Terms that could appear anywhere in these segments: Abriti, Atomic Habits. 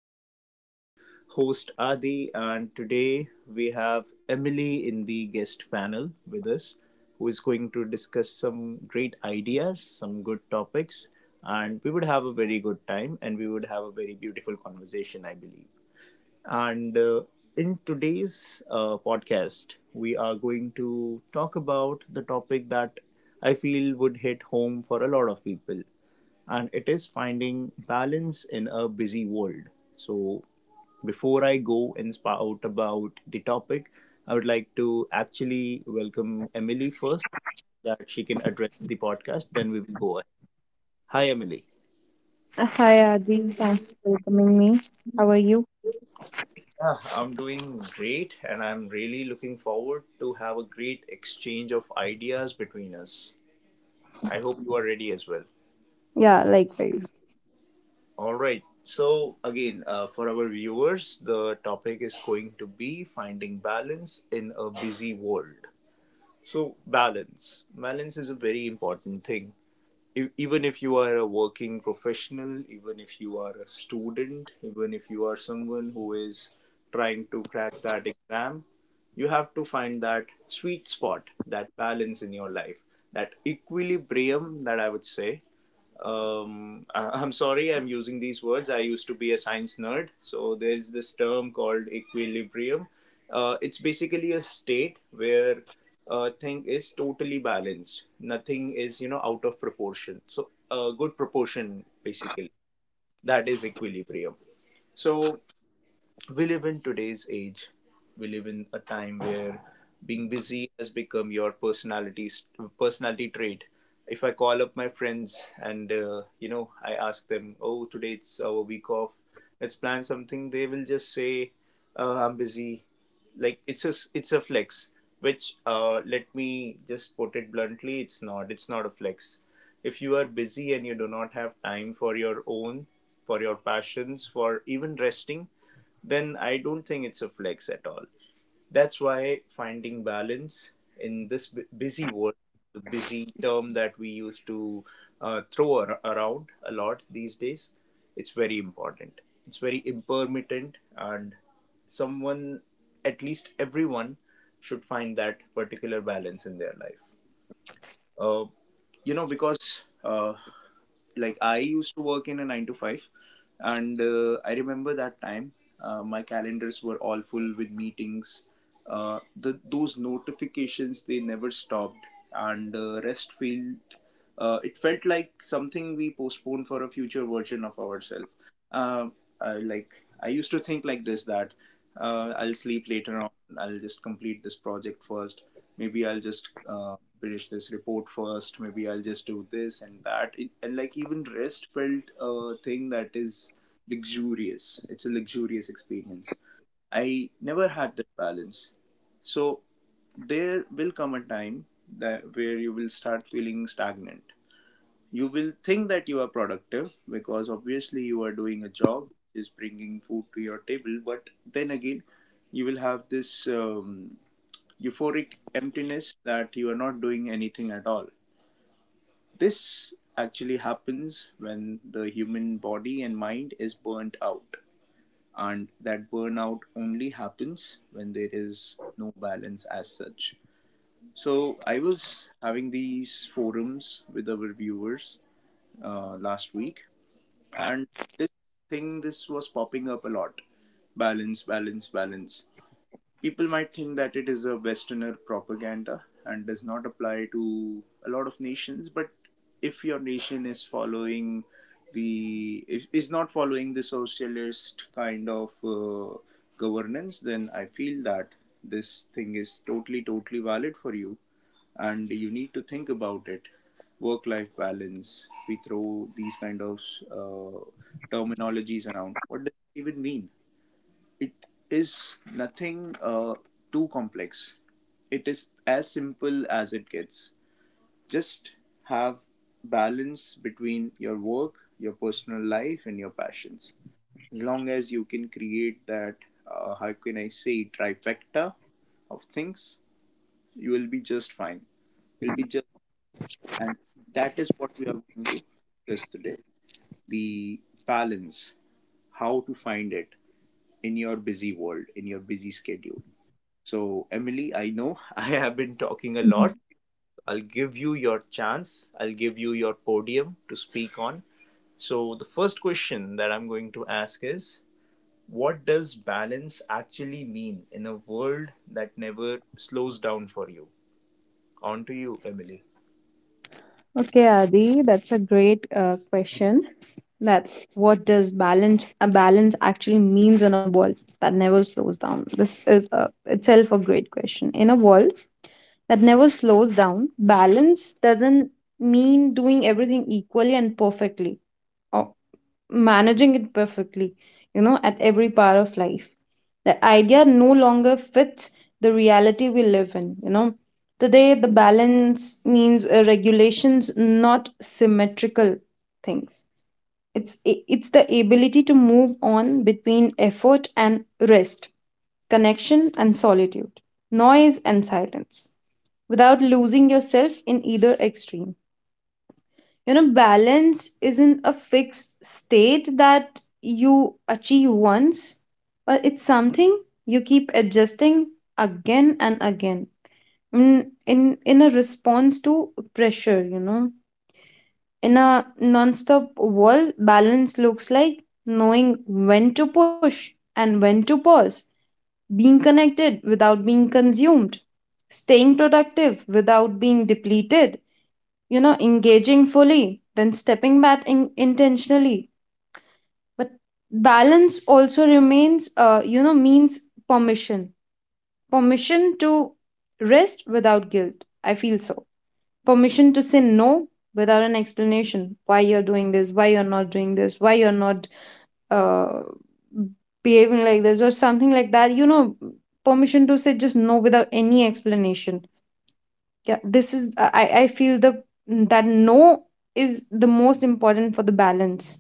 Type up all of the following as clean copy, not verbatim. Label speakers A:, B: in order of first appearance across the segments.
A: This is your host Adi, and today we have Emily in the guest panel with us, who is going to discuss some great ideas, some good topics, and we would have a very good time and we would have a very beautiful conversation, I believe. And in today's podcast, we are going to talk about the topic that I feel would hit home for a lot of people, and it is finding balance in a busy world. So, before I go and spout about the topic, I would like to actually welcome Emily first, so that she can address the podcast. Then we will go ahead. Hi, Emily.
B: Hi Adi, thanks for welcoming me. How are you?
A: Yeah, I'm doing great, and I'm really looking forward to have a great exchange of ideas between us. I hope you are ready as well.
B: Yeah, likewise.
A: All right. So again, for our viewers, the topic is going to be finding balance in a busy world. So, balance, is a very important thing, even if you are a working professional, even if you are a student, even if you are someone who is trying to crack that exam. You have to find that sweet spot, that balance in your life, that equilibrium, that I would say, I, am sorry, I'm using these words. I used to be a science nerd. So there's this term called equilibrium. It's basically a state where a thing is totally balanced. Nothing is out of proportion. So a good proportion, basically. That is equilibrium. So we live in today's age. We live in a time where being busy has become your personality trait. If I call up my friends and I ask them, "Oh, today it's our week off. Let's plan something." They will just say, "I'm busy." Like it's a flex. Which, let me just put it bluntly, it's not. It's not a flex. If you are busy and you do not have time for your own, for your passions, for even resting, then I don't think it's a flex at all. That's why finding balance in this busy world, the busy term that we used to throw around a lot these days, it's very important. It's very impermanent, and someone, at least everyone, should find that particular balance in their life. Uh, because like I used to work in a nine to five, and I remember that time, my calendars were all full with meetings. Those notifications, they never stopped, and rest failed. It felt like something we postponed for a future version of ourselves. Uh, I, like I used to think like this, that I'll sleep later on. I'll just complete this project first. Maybe I'll just finish this report first. Maybe I'll just do this and that. And like, even rest felt a thing that is luxurious. It's a luxurious experience. I never had that balance. So there will come a time that where you will start feeling stagnant. You will think that you are productive, because obviously you are doing a job which is bringing food to your table, but then again you will have this euphoric emptiness, that you are not doing anything at all. This actually happens when the human body and mind is burnt out, and that burnout only happens when there is no balance as such. So I was having these forums with our viewers last week, and this this was popping up a lot. Balance, balance, balance. People might think that it is a westerner propaganda and does not apply to a lot of nations, but if your nation is following the is not following the socialist kind of governance, then I feel that this thing is totally, totally valid for you, and you need to think about it. Work life balance, we throw these kind of uh, terminologies around. What does it even mean? It is nothing too complex. It is as simple as it gets. Just have balance between your work, your personal life, and your passions. As long as you can create that, how can I say, trifecta of things, you will be just fine. You'll be just And that is what we are going to discuss today: the balance, how to find it in your busy world, in your busy schedule. So, Emily, I know, I have been talking a
B: Mhm.
A: lot. I'll give you your chance, I'll give you your podium to speak on. So, the first question that I'm going to ask is, what does balance actually mean in a world that never slows down for you? On to you, Emily.
B: Okay, Adi, that's a great question. That what does balance a balance actually means in a world that never slows down? This is a, itself a great question. In a world that never slows down, balance doesn't mean doing everything equally and perfectly, managing it perfectly, you know, at every part of life. That idea no longer fits the reality we live in, you know. Today, the balance means regulations, not symmetrical things. It's the ability to move on between effort and rest, connection and solitude, noise and silence, without losing yourself in either extreme. You know, balance isn't a fixed state that you achieve once, but it's something you keep adjusting again and again, in in a response to pressure, you know. In a non-stop world, balance looks like knowing when to push and when to pause, being connected without being consumed, staying productive without being depleted, you know, engaging fully, then stepping back intentionally. But balance also remains, means permission, permission to rest without guilt, I feel. So permission to say no without an explanation, why you're doing this, why you're not doing this, why you're not uh, behaving like this or something like that, you know. Permission to say just no without any explanation. Yeah, this is, I feel the that no is the most important for the balance.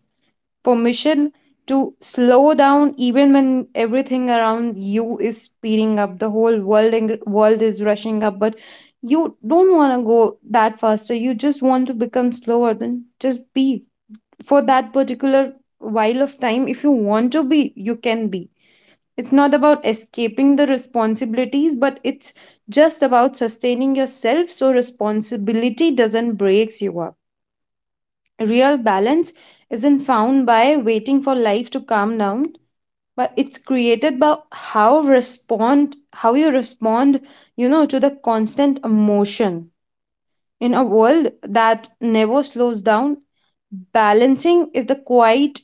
B: Permission to slow down even when everything around you is speeding up. The whole world and world is rushing up, but you don't want to go that faster, you just want to become slower, then just be. For that particular while of time, if you want to be, you can be. It's not about escaping the responsibilities, but it's just about sustaining yourself, so responsibility doesn't breaks you up. Real balance isn't found by waiting for life to calm down, but it's created by how you respond, you know, to the constant emotion. In a world that never slows down, balancing is the quiet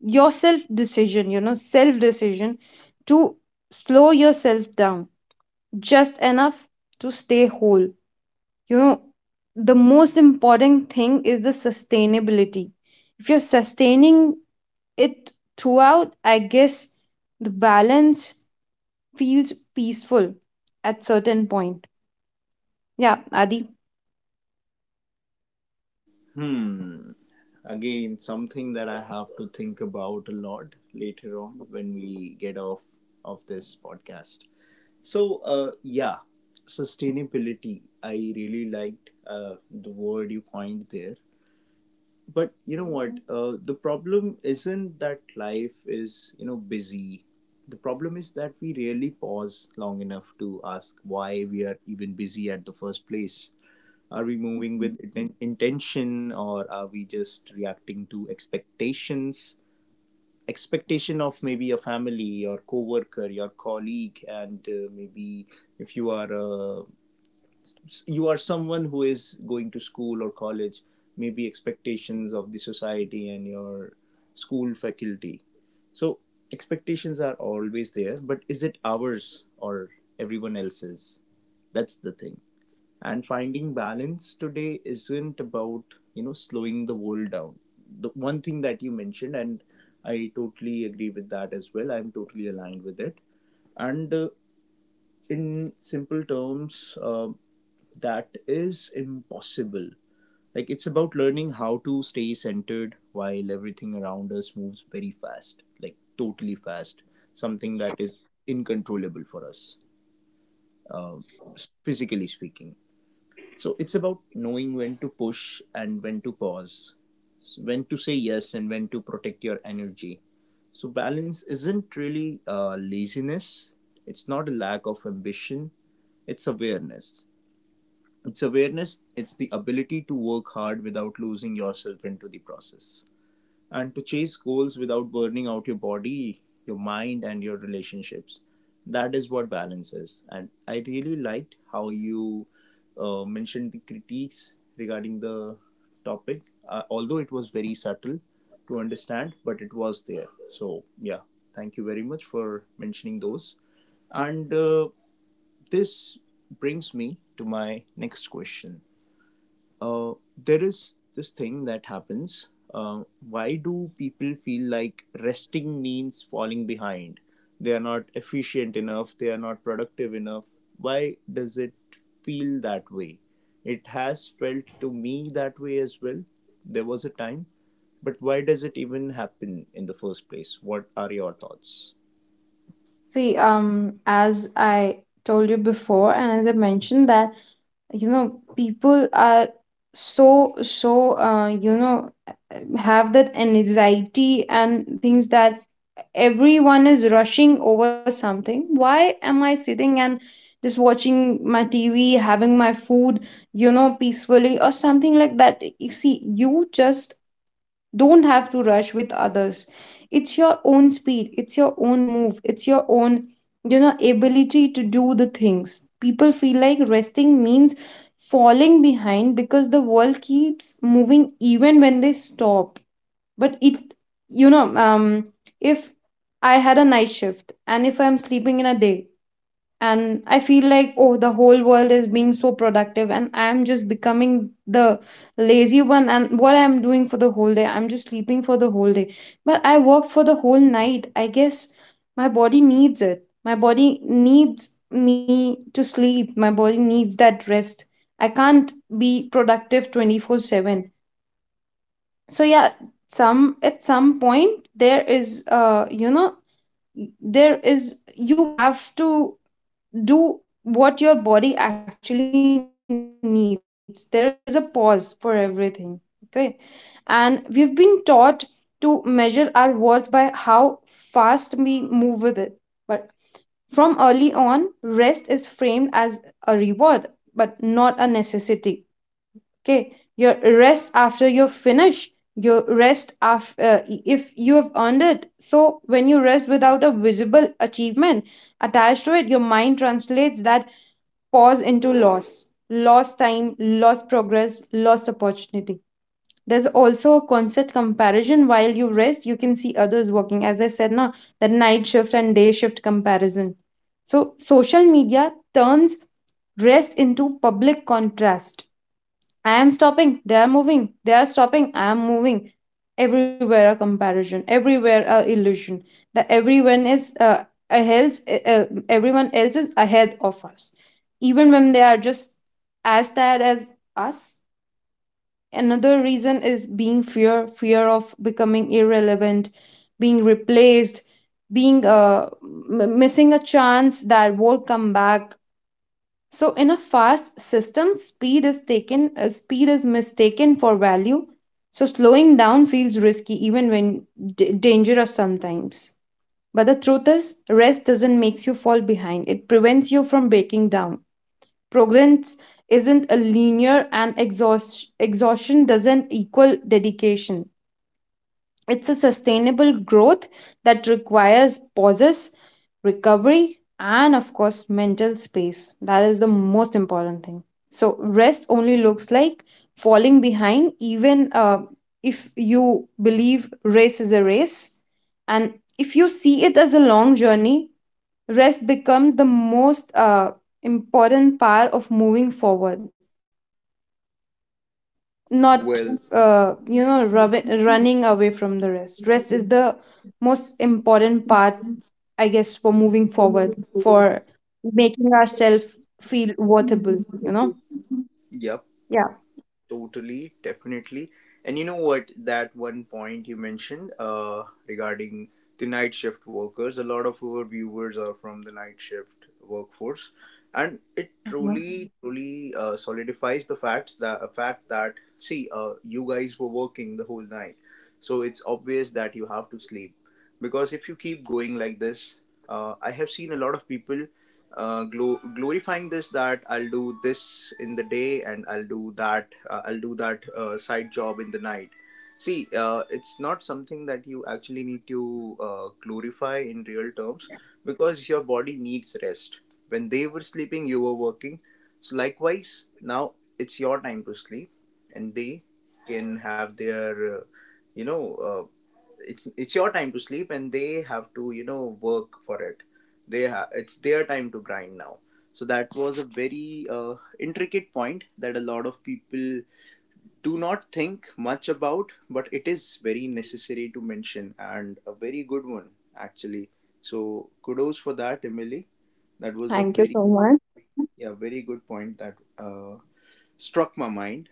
B: yourself decision, you know, self decision to slow yourself down just enough to stay whole. You know, the most important thing is the sustainability. If you're sustaining it throughout, I guess the balance feels peaceful at certain point. Yeah, Adi.
A: Hmm. Again, something that I have to think about a lot later on, when we get off of this podcast. So, yeah, sustainability, I really liked the word you coined there. But you know what? The problem isn't that life is busy. The problem is that we rarely pause long enough to ask why we are even busy at the first place. Are we moving with intention, or are we just reacting to expectations? Expectation of maybe a family, your coworker, your colleague, and maybe, if you are someone who is going to school or college, maybe expectations of the society and your school faculty. So, expectations are always there, but is it ours or everyone else's? That's the thing. And finding balance today isn't about slowing the world down, the one thing that you mentioned, and I totally agree with that as well, I'm totally aligned with it. And in simple terms, that is impossible. Like, it's about learning how to stay centered while everything around us moves very fast, like totally fast, something that is incontrollable for us, uh, physically speaking. So it's about knowing when to push and when to pause. So, when to say yes and when to protect your energy. So balance isn't really laziness, it's not a lack of ambition, it's awareness. It's awareness, it's the ability to work hard without losing yourself into the process, and to chase goals without burning out your body, your mind, and your relationships. That is what balance is. And I really liked how you mentioned the critiques regarding the topic, although it was very subtle to understand, but it was there. So, yeah, thank you very much for mentioning those. And this brings me to my next question. uh, there is this thing that happens. Why do people feel like resting means falling behind? They are not efficient enough, they are not productive enough. Why does it feel that way? It has felt to me that way as well. There was a time. But why does it even happen in the first place? What are your thoughts?
B: See, as I told you before, and as I mentioned that, you know, people are so have that anxiety and things, that everyone is rushing over something. Why am I sitting and just watching my TV, having my food, you know, peacefully or something like that? You see, you just don't have to rush with others. It's your own speed, it's your own move, it's your own, you know, ability to do the things. People feel like resting means falling behind because the world keeps moving even when they stop. But it, you know um if I had a night shift and if I'm sleeping in a day and I feel like, oh, the whole world is being so productive and I am just becoming the lazy one and what I'm doing for the whole day, I'm just sleeping for the whole day, but I work for the whole night. I guess my body needs it. My body needs me to sleep. My body needs that rest. I can't be productive 24/7. So yeah, some at some point, there is, there is, you have to do what your body actually needs. There is a pause for everything. Okay. And we've been taught to measure our worth by how fast we move with it. But from early on, rest is framed as a reward, but not a necessity. Okay. Your rest after you're finished, your rest after, if you have earned it. So when you rest without a visible achievement attached to it, your mind translates that pause into loss, lost time, lost progress, lost opportunity. There's also a constant comparison, while you rest, you can see others working. As I said, na, that night shift and day shift comparison. So social media turns rest into public contrast. I am stopping, they are moving, they are stopping, I am moving. Everywhere a comparison, everywhere a illusion, that everyone is, ahead, everyone else is ahead of us, even when they are just as tired as us. Another reason is being fear, fear of becoming irrelevant, being replaced, being, missing a chance that won't come back. So in a fast system, speed is mistaken for value. So slowing down feels risky, even when dangerous sometimes. But the truth is, rest doesn't make you fall behind. It prevents you from breaking down. Progress isn't a linear and exhaustion doesn't equal dedication. It's a sustainable growth that requires pauses, recovery, and of course, mental space. That is the most important thing. So rest only looks like falling behind, even if you believe race is a race. And if you see it as a long journey, rest becomes the most important part of moving forward, not,
A: Well,
B: running away from the rest. Rest is the most important part, I guess, for moving forward, for making ourselves feel worthable, you know. Yeah.
A: yep. Totally, definitely. And you know what? That one point you mentioned, regarding the night shift workers, a lot of our viewers are from the night shift workforce, and it
B: Mhm.
A: truly, truly solidifies the fact that, see, you guys were working the whole night, so it's obvious that you have to sleep. Because if you keep going like this, I have seen a lot of people glorifying this, that I'll do this in the day and I'll do that side job in the night. See, it's not something that you actually need to glorify in real terms, because your body needs rest. When they were sleeping, you were working, so likewise now it's your time to sleep, and they can have their, you know uh, it's your time to sleep, and they have to, you know, work for it. It's their time to grind now. So that was a very intricate point that a lot of people do not think much about, but it is very necessary to mention, and a very good one actually. So, kudos for that, Emily. That was a
B: Thank you
A: very,
B: so much.
A: yeah, very good point, that struck my mind.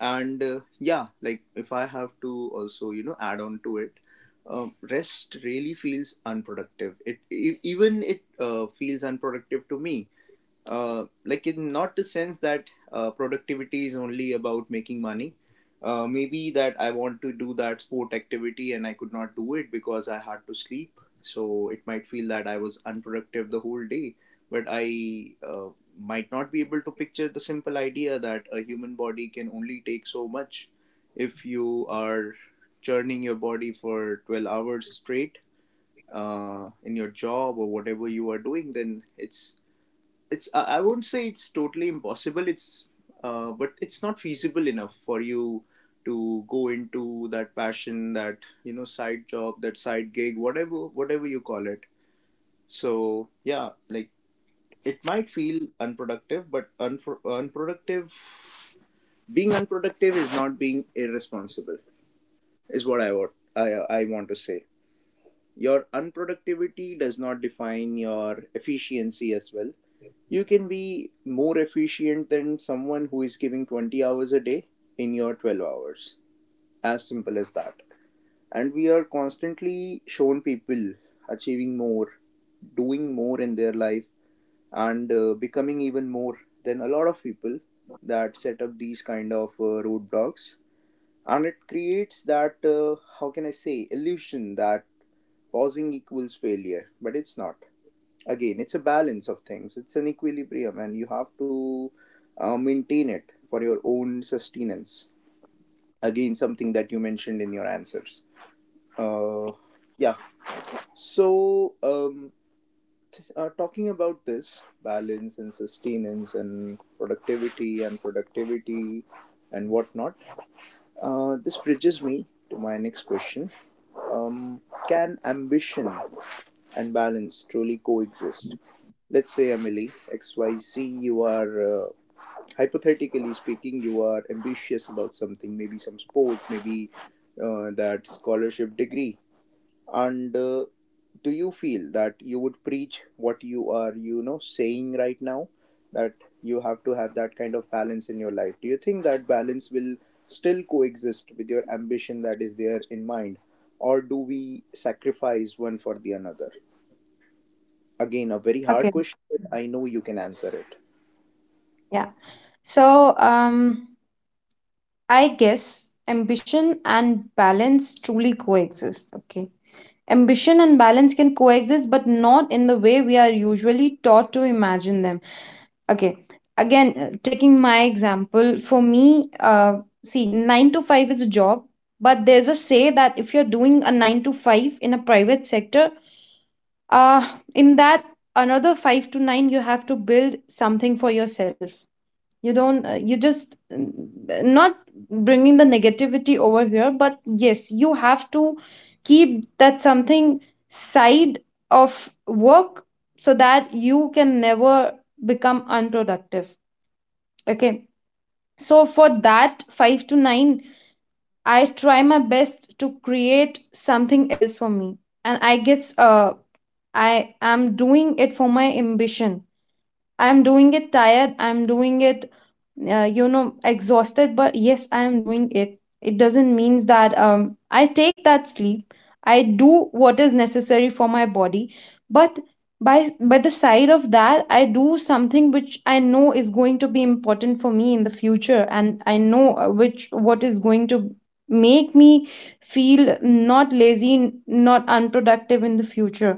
A: And yeah, like, if I have to also, you know, add on to it, rest really feels unproductive. It e- even it feels unproductive to me. Like, in not the sense that productivity is only about making money. Maybe that I want to do that sport activity and I could not do it because I had to sleep, so it might feel that I was unproductive the whole day. But I, might not be able to picture the simple idea that a human body can only take so much. If you are churning your body for 12 hours straight, in your job or whatever You are doing then it's, I wouldn't say it's totally impossible. It's But it's not feasible enough for you to go into that passion, that side job, that side gig, whatever you call it. So yeah, like it might feel unproductive, but unproductive, being unproductive is not being irresponsible. Is what I want to say. Your unproductivity does not define your efficiency as well. You can be more efficient than someone who is giving 20 hours a day in your 12 hours. As simple as that. And we are constantly shown people achieving more, doing more in their life, and becoming even more than a lot of people that set up these kind of roadblocks. And it creates that, how can I say, illusion that pausing equals failure, but it's not. Again, it's a balance of things, it's an equilibrium, and you have to maintain it for your own sustenance. Again, something that you mentioned in your answers. uh, yeah so um, Talking about this balance and sustenance and productivity and whatnot, this bridges me to my next question. um, can ambition and balance truly coexist? Let's say, Emily, XYZ, you are, hypothetically speaking, you are ambitious about something, maybe some sport, maybe that scholarship degree. And do you feel that you would preach what you are, saying right now? That you have to have that kind of balance in your life. Do you think that balance will still coexist with your ambition that is there in mind? Or do we sacrifice one for the another? Again, a very
B: Okay,
A: hard question, but I know you can answer it.
B: yeah, so I guess ambition and balance truly coexist. Okay, ambition and balance can coexist, but not in the way we are usually taught to imagine them. Okay. Again, taking my example, for me, see, nine to five is a job, but there's a say that if you're doing a nine to five in a private sector, uh, in that another five to nine, you have to build something for yourself. You don't, you just, not bringing the negativity over here, but yes, you have to keep that something side of work so that you can never become unproductive. Okay. So for that 5 to 9, I try my best to create something else for me. And I guess I am doing it for my ambition. I'm doing it tired. I'm doing it, exhausted, but yes, I am doing it. It doesn't mean that I take that sleep. I do what is necessary for my body, but by the side of that, I do something which I know is going to be important for me in the future, and I know, which what is going to make me feel not lazy, not unproductive in the future.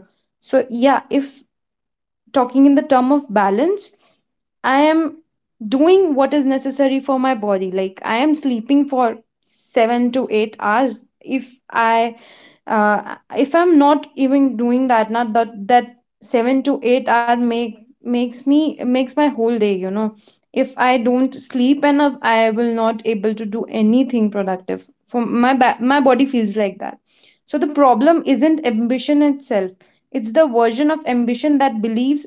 B: So yeah, if talking in the term of balance, I am doing what is necessary for my body. Like I am sleeping for 7 to 8 hours. If I, if I'm not even doing that, not that 7 to 8 hour makes my whole day. You know, if I don't sleep enough, I will not able to do anything productive. For my my body feels like that. So the problem isn't ambition itself. It's the version of ambition that believes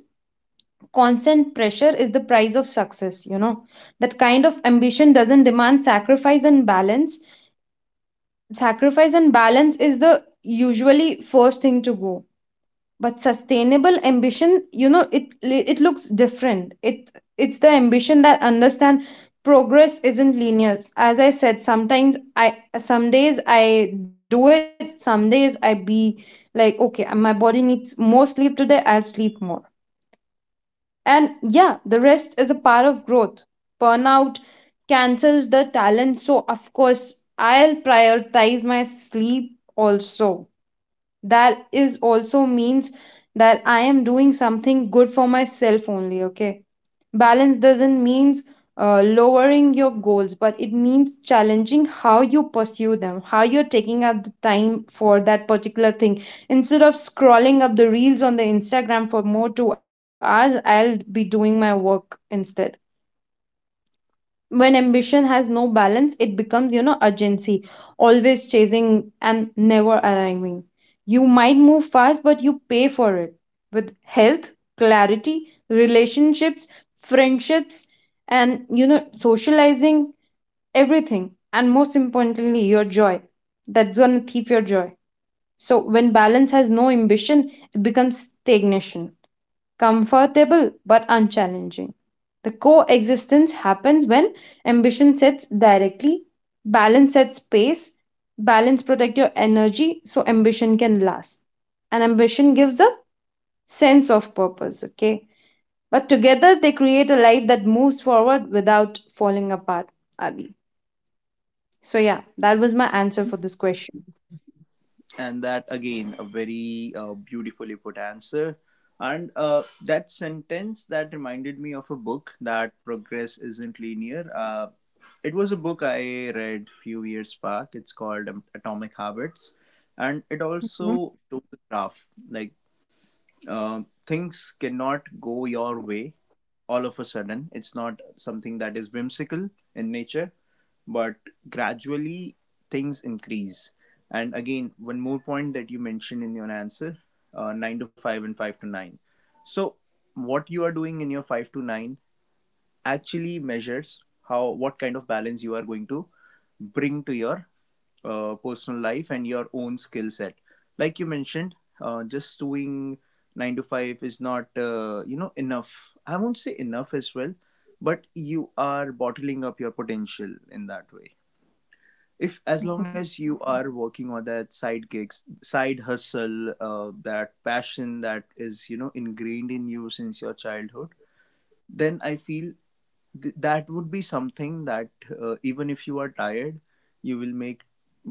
B: constant pressure is the price of success, you know. That kind of ambition doesn't demand sacrifice and balance. Sacrifice and balance is the usually first thing to go. But sustainable ambition, you know, it looks different. It's the ambition that understand progress isn't linear. As I said, sometimes I some days I do it, some days I be like, okay, my body needs more sleep today, I'll sleep more. And yeah, the rest is a part of growth. Burnout cancels the talent. So, of course, I'll prioritize my sleep also. That is also means that I am doing something good for myself only. Okay, balance doesn't means lowering your goals, but it means challenging how you pursue them, how you're taking up the time for that particular thing. Instead of scrolling up the reels on the Instagram for more 2 hours, I'll be doing my work instead. When ambition has no balance, it becomes, you know, urgency, always chasing and never arriving. You might move fast, but you pay for it with health, clarity, relationships, friendships, and you know, socializing, everything, and most importantly, your joy. That's going to thief your joy. So when balance has no ambition, it becomes stagnation, comfortable but unchallenging. The coexistence happens when ambition sets directly, balance sets pace, balance protect your energy so ambition can last. And ambition gives a sense of purpose, okay? But together they create a life that moves forward without falling apart, Adi. So yeah, that was my answer for this question.
A: And that, again, a very beautifully put answer. And that sentence that reminded me of a book that progress isn't linear. It was a book I read few years back. It's called Atomic Habits, and it also shows the graph. Like things cannot go your way all of a sudden. It's not something that is whimsical in nature, but gradually things increase. And again, one more point that you mentioned in your answer, 9 to 5 and 5 to 9. So, what you are doing in your 5 to 9 actually measures how, what kind of balance you are going to bring to your personal life and your own skill set. Like you mentioned, just doing 9 to 5 is not, enough. I won't say enough as well, but you are bottling up your potential in that way. If as long as you are working on that side gigs, side hustle, that passion that is ingrained in you since your childhood, then I feel that would be something that, even if you are tired, you will make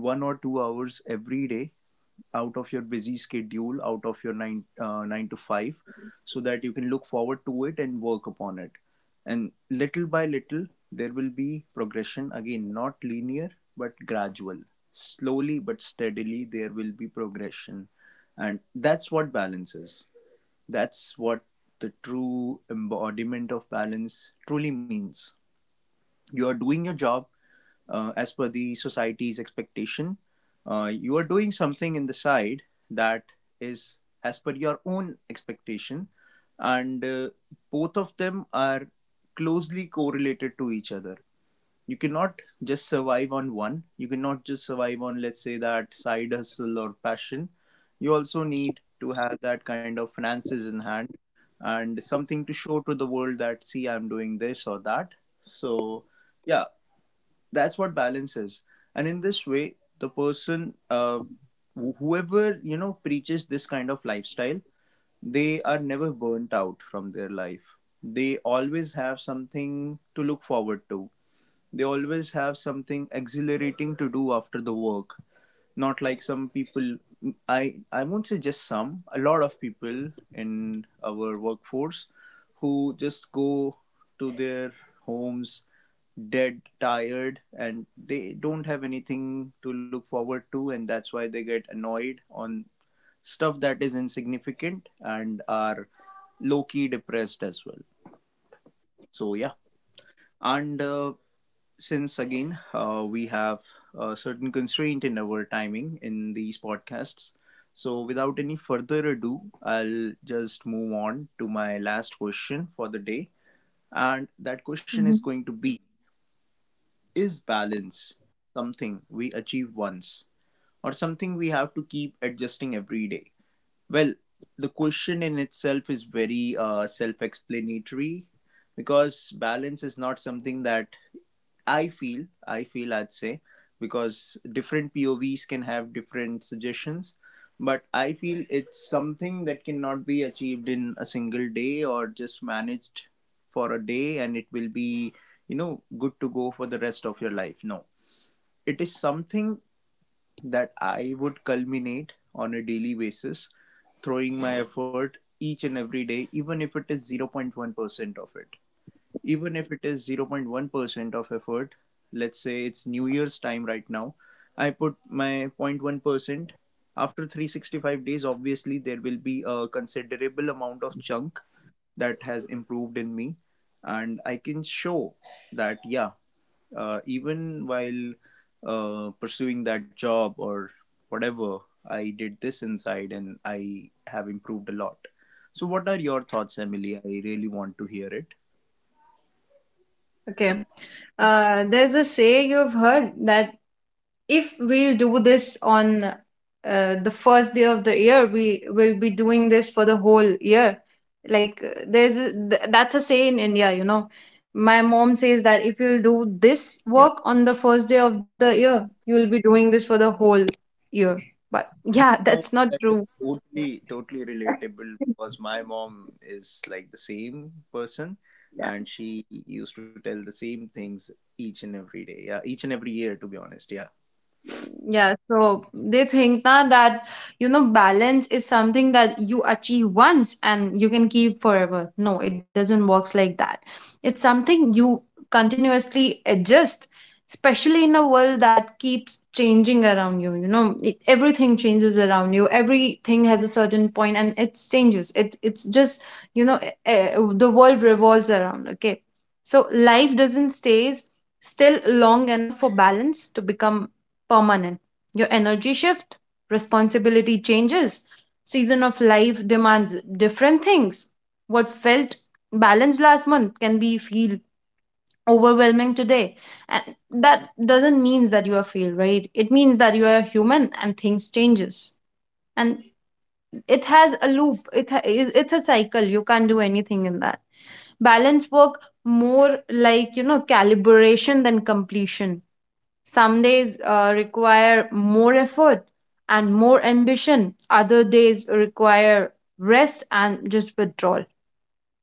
A: 1 or 2 hours every day out of your busy schedule, out of your nine to five, so that you can look forward to it and work upon it. And little by little, there will be progression, again, not linear but gradual. Slowly but steadily, there will be progression, and that's what balance is. That's what the true embodiment of balance truly means. You are doing your job as per the society's expectation, you are doing something in the side that is as per your own expectation, and both of them are closely correlated to each other. You cannot just survive on one, you cannot just survive on, let's say, that side hustle or passion. You also need to have that kind of finances in hand, and something to show to the world that, see, I'm doing this or that. So yeah, that's what balance is. And in this way, the person, whoever preaches this kind of lifestyle, they are never burnt out from their life. They always have something to look forward to, they always have something exhilarating to do after the work. Not like some people, I won't say just some, a lot of people in our workforce, who just go to their homes dead, tired, and they don't have anything to look forward to, and that's why they get annoyed on stuff that is insignificant and are low key depressed as well. So, yeah. And since again we have a certain constraint in our timing in these podcasts, so without any further ado, I'll just move on to my last question for the day, and
B: Mhm.
A: that question is going to be, is balance something we achieve once or something we have to keep adjusting every day? Well, the question in itself is very self-explanatory, because balance is not something that I feel, I'd say, because different POVs can have different suggestions. But I feel it's something that cannot be achieved in a single day or just managed for a day and it will be, good to go for the rest of your life. No, it is something that I would culminate on a daily basis, throwing my effort each and every day, even if it is 0.1% of effort. Let's say it's new year's time right now, I put my 0.1%. After 365 days, obviously there will be a considerable amount of chunk that has improved in me, and I can show that, yeah, even while pursuing that job or whatever, I did this inside and I have improved a lot. So what are your thoughts, Emily? I really want to hear it.
B: Okay. There's a say you've heard that if we'll do this on, the first day of the year, we will be doing this for the whole year. Like, that's a say in India, you know. My mom says that if you'll do this
A: Yeah.
B: work on the first day of the year, you will be doing this for the whole year. But yeah,
A: No,
B: that's not
A: that is
B: true.
A: totally, totally relatable because my mom is like the same person, and she used to tell the same things each and every day. Yeah, each and every year, to be honest. Yeah,
B: Yeah, so they think na that, you know, balance is something that you achieve once and you can keep forever. No, it doesn't works like that. It's something you continuously adjust, especially in a world that keeps changing around you. You know, it, everything changes around you. Everything has a certain point and it changes. It's just, you know, the world revolves around. Okay, so life doesn't stays still long enough for balance to become permanent. Your energy shift, responsibility changes, season of life demands different things. What felt balanced last month can be feel overwhelming today. And that doesn't mean that you are failed, right? It means that you are human and things changes. And it has a loop. It ha- is it's a cycle. You can't do anything in that. Balance work more like, you know, calibration than completion. Some days require more effort and more ambition, other days require rest and just withdrawal.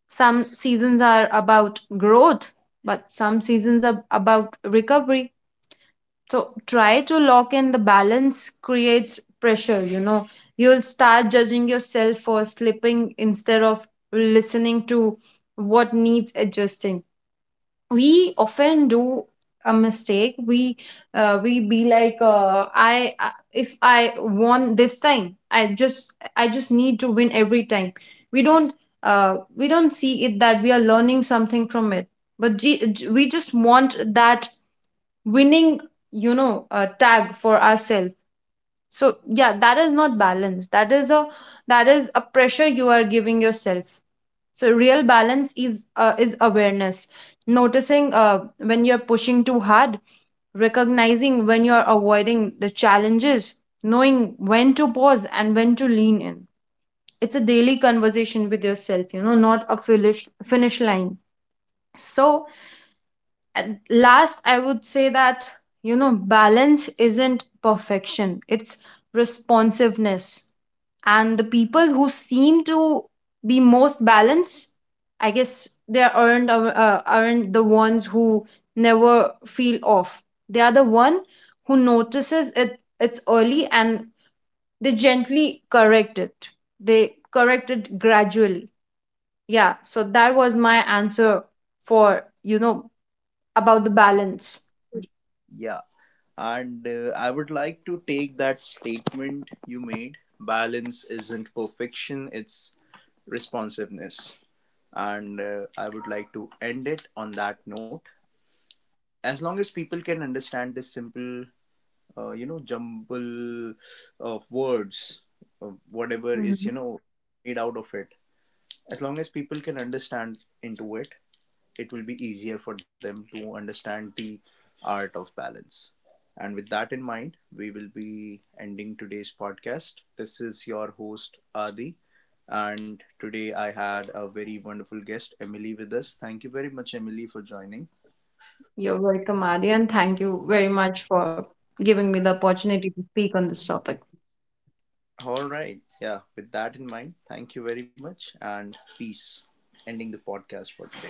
B: Some seasons are about growth, but some seasons are about recovery. So try to lock in the balance creates pressure, you know. You'll start judging yourself for slipping instead of listening to what needs adjusting. We often do a mistake. We be like, if I won this time, I just need to win every time. We don't, we don't see it that we are learning something from it, but we just want that winning, you know, tag for ourselves. So yeah, that is not balance. That is a, that is a pressure you are giving yourself. So real balance is, is awareness, noticing when you're pushing too hard, recognizing when you're avoiding the challenges, knowing when to pause and when to lean in. It's a daily conversation with yourself, you know, not a finish line. So at last, I would say that, you know, balance isn't perfection, it's responsiveness. And the people who seem to be most balanced, I guess they aren't the ones who never feel off. They are the one who notices it it's early and they gently correct it. They correct it gradually. Yeah, so that was my answer for, you know, about the balance.
A: yeah. And I would like to take that statement you made, balance isn't perfection, it's responsiveness. And I would like to end it on that note. As long as people can understand this simple jumble of words, whatever is
B: Mhm.
A: made out of it, as long as people can understand into it, it will be easier for them to understand the art of balance. And with that in mind, we will be ending today's podcast. This is your host Adi, and today I had a very wonderful guest Emily with us. Thank you very much, Emily, for joining.
B: You're welcome, Adi, and thank you very much for giving me the opportunity to speak on this topic.
A: All right. Yeah. With that in mind, thank you very much and peace. Ending the podcast for today.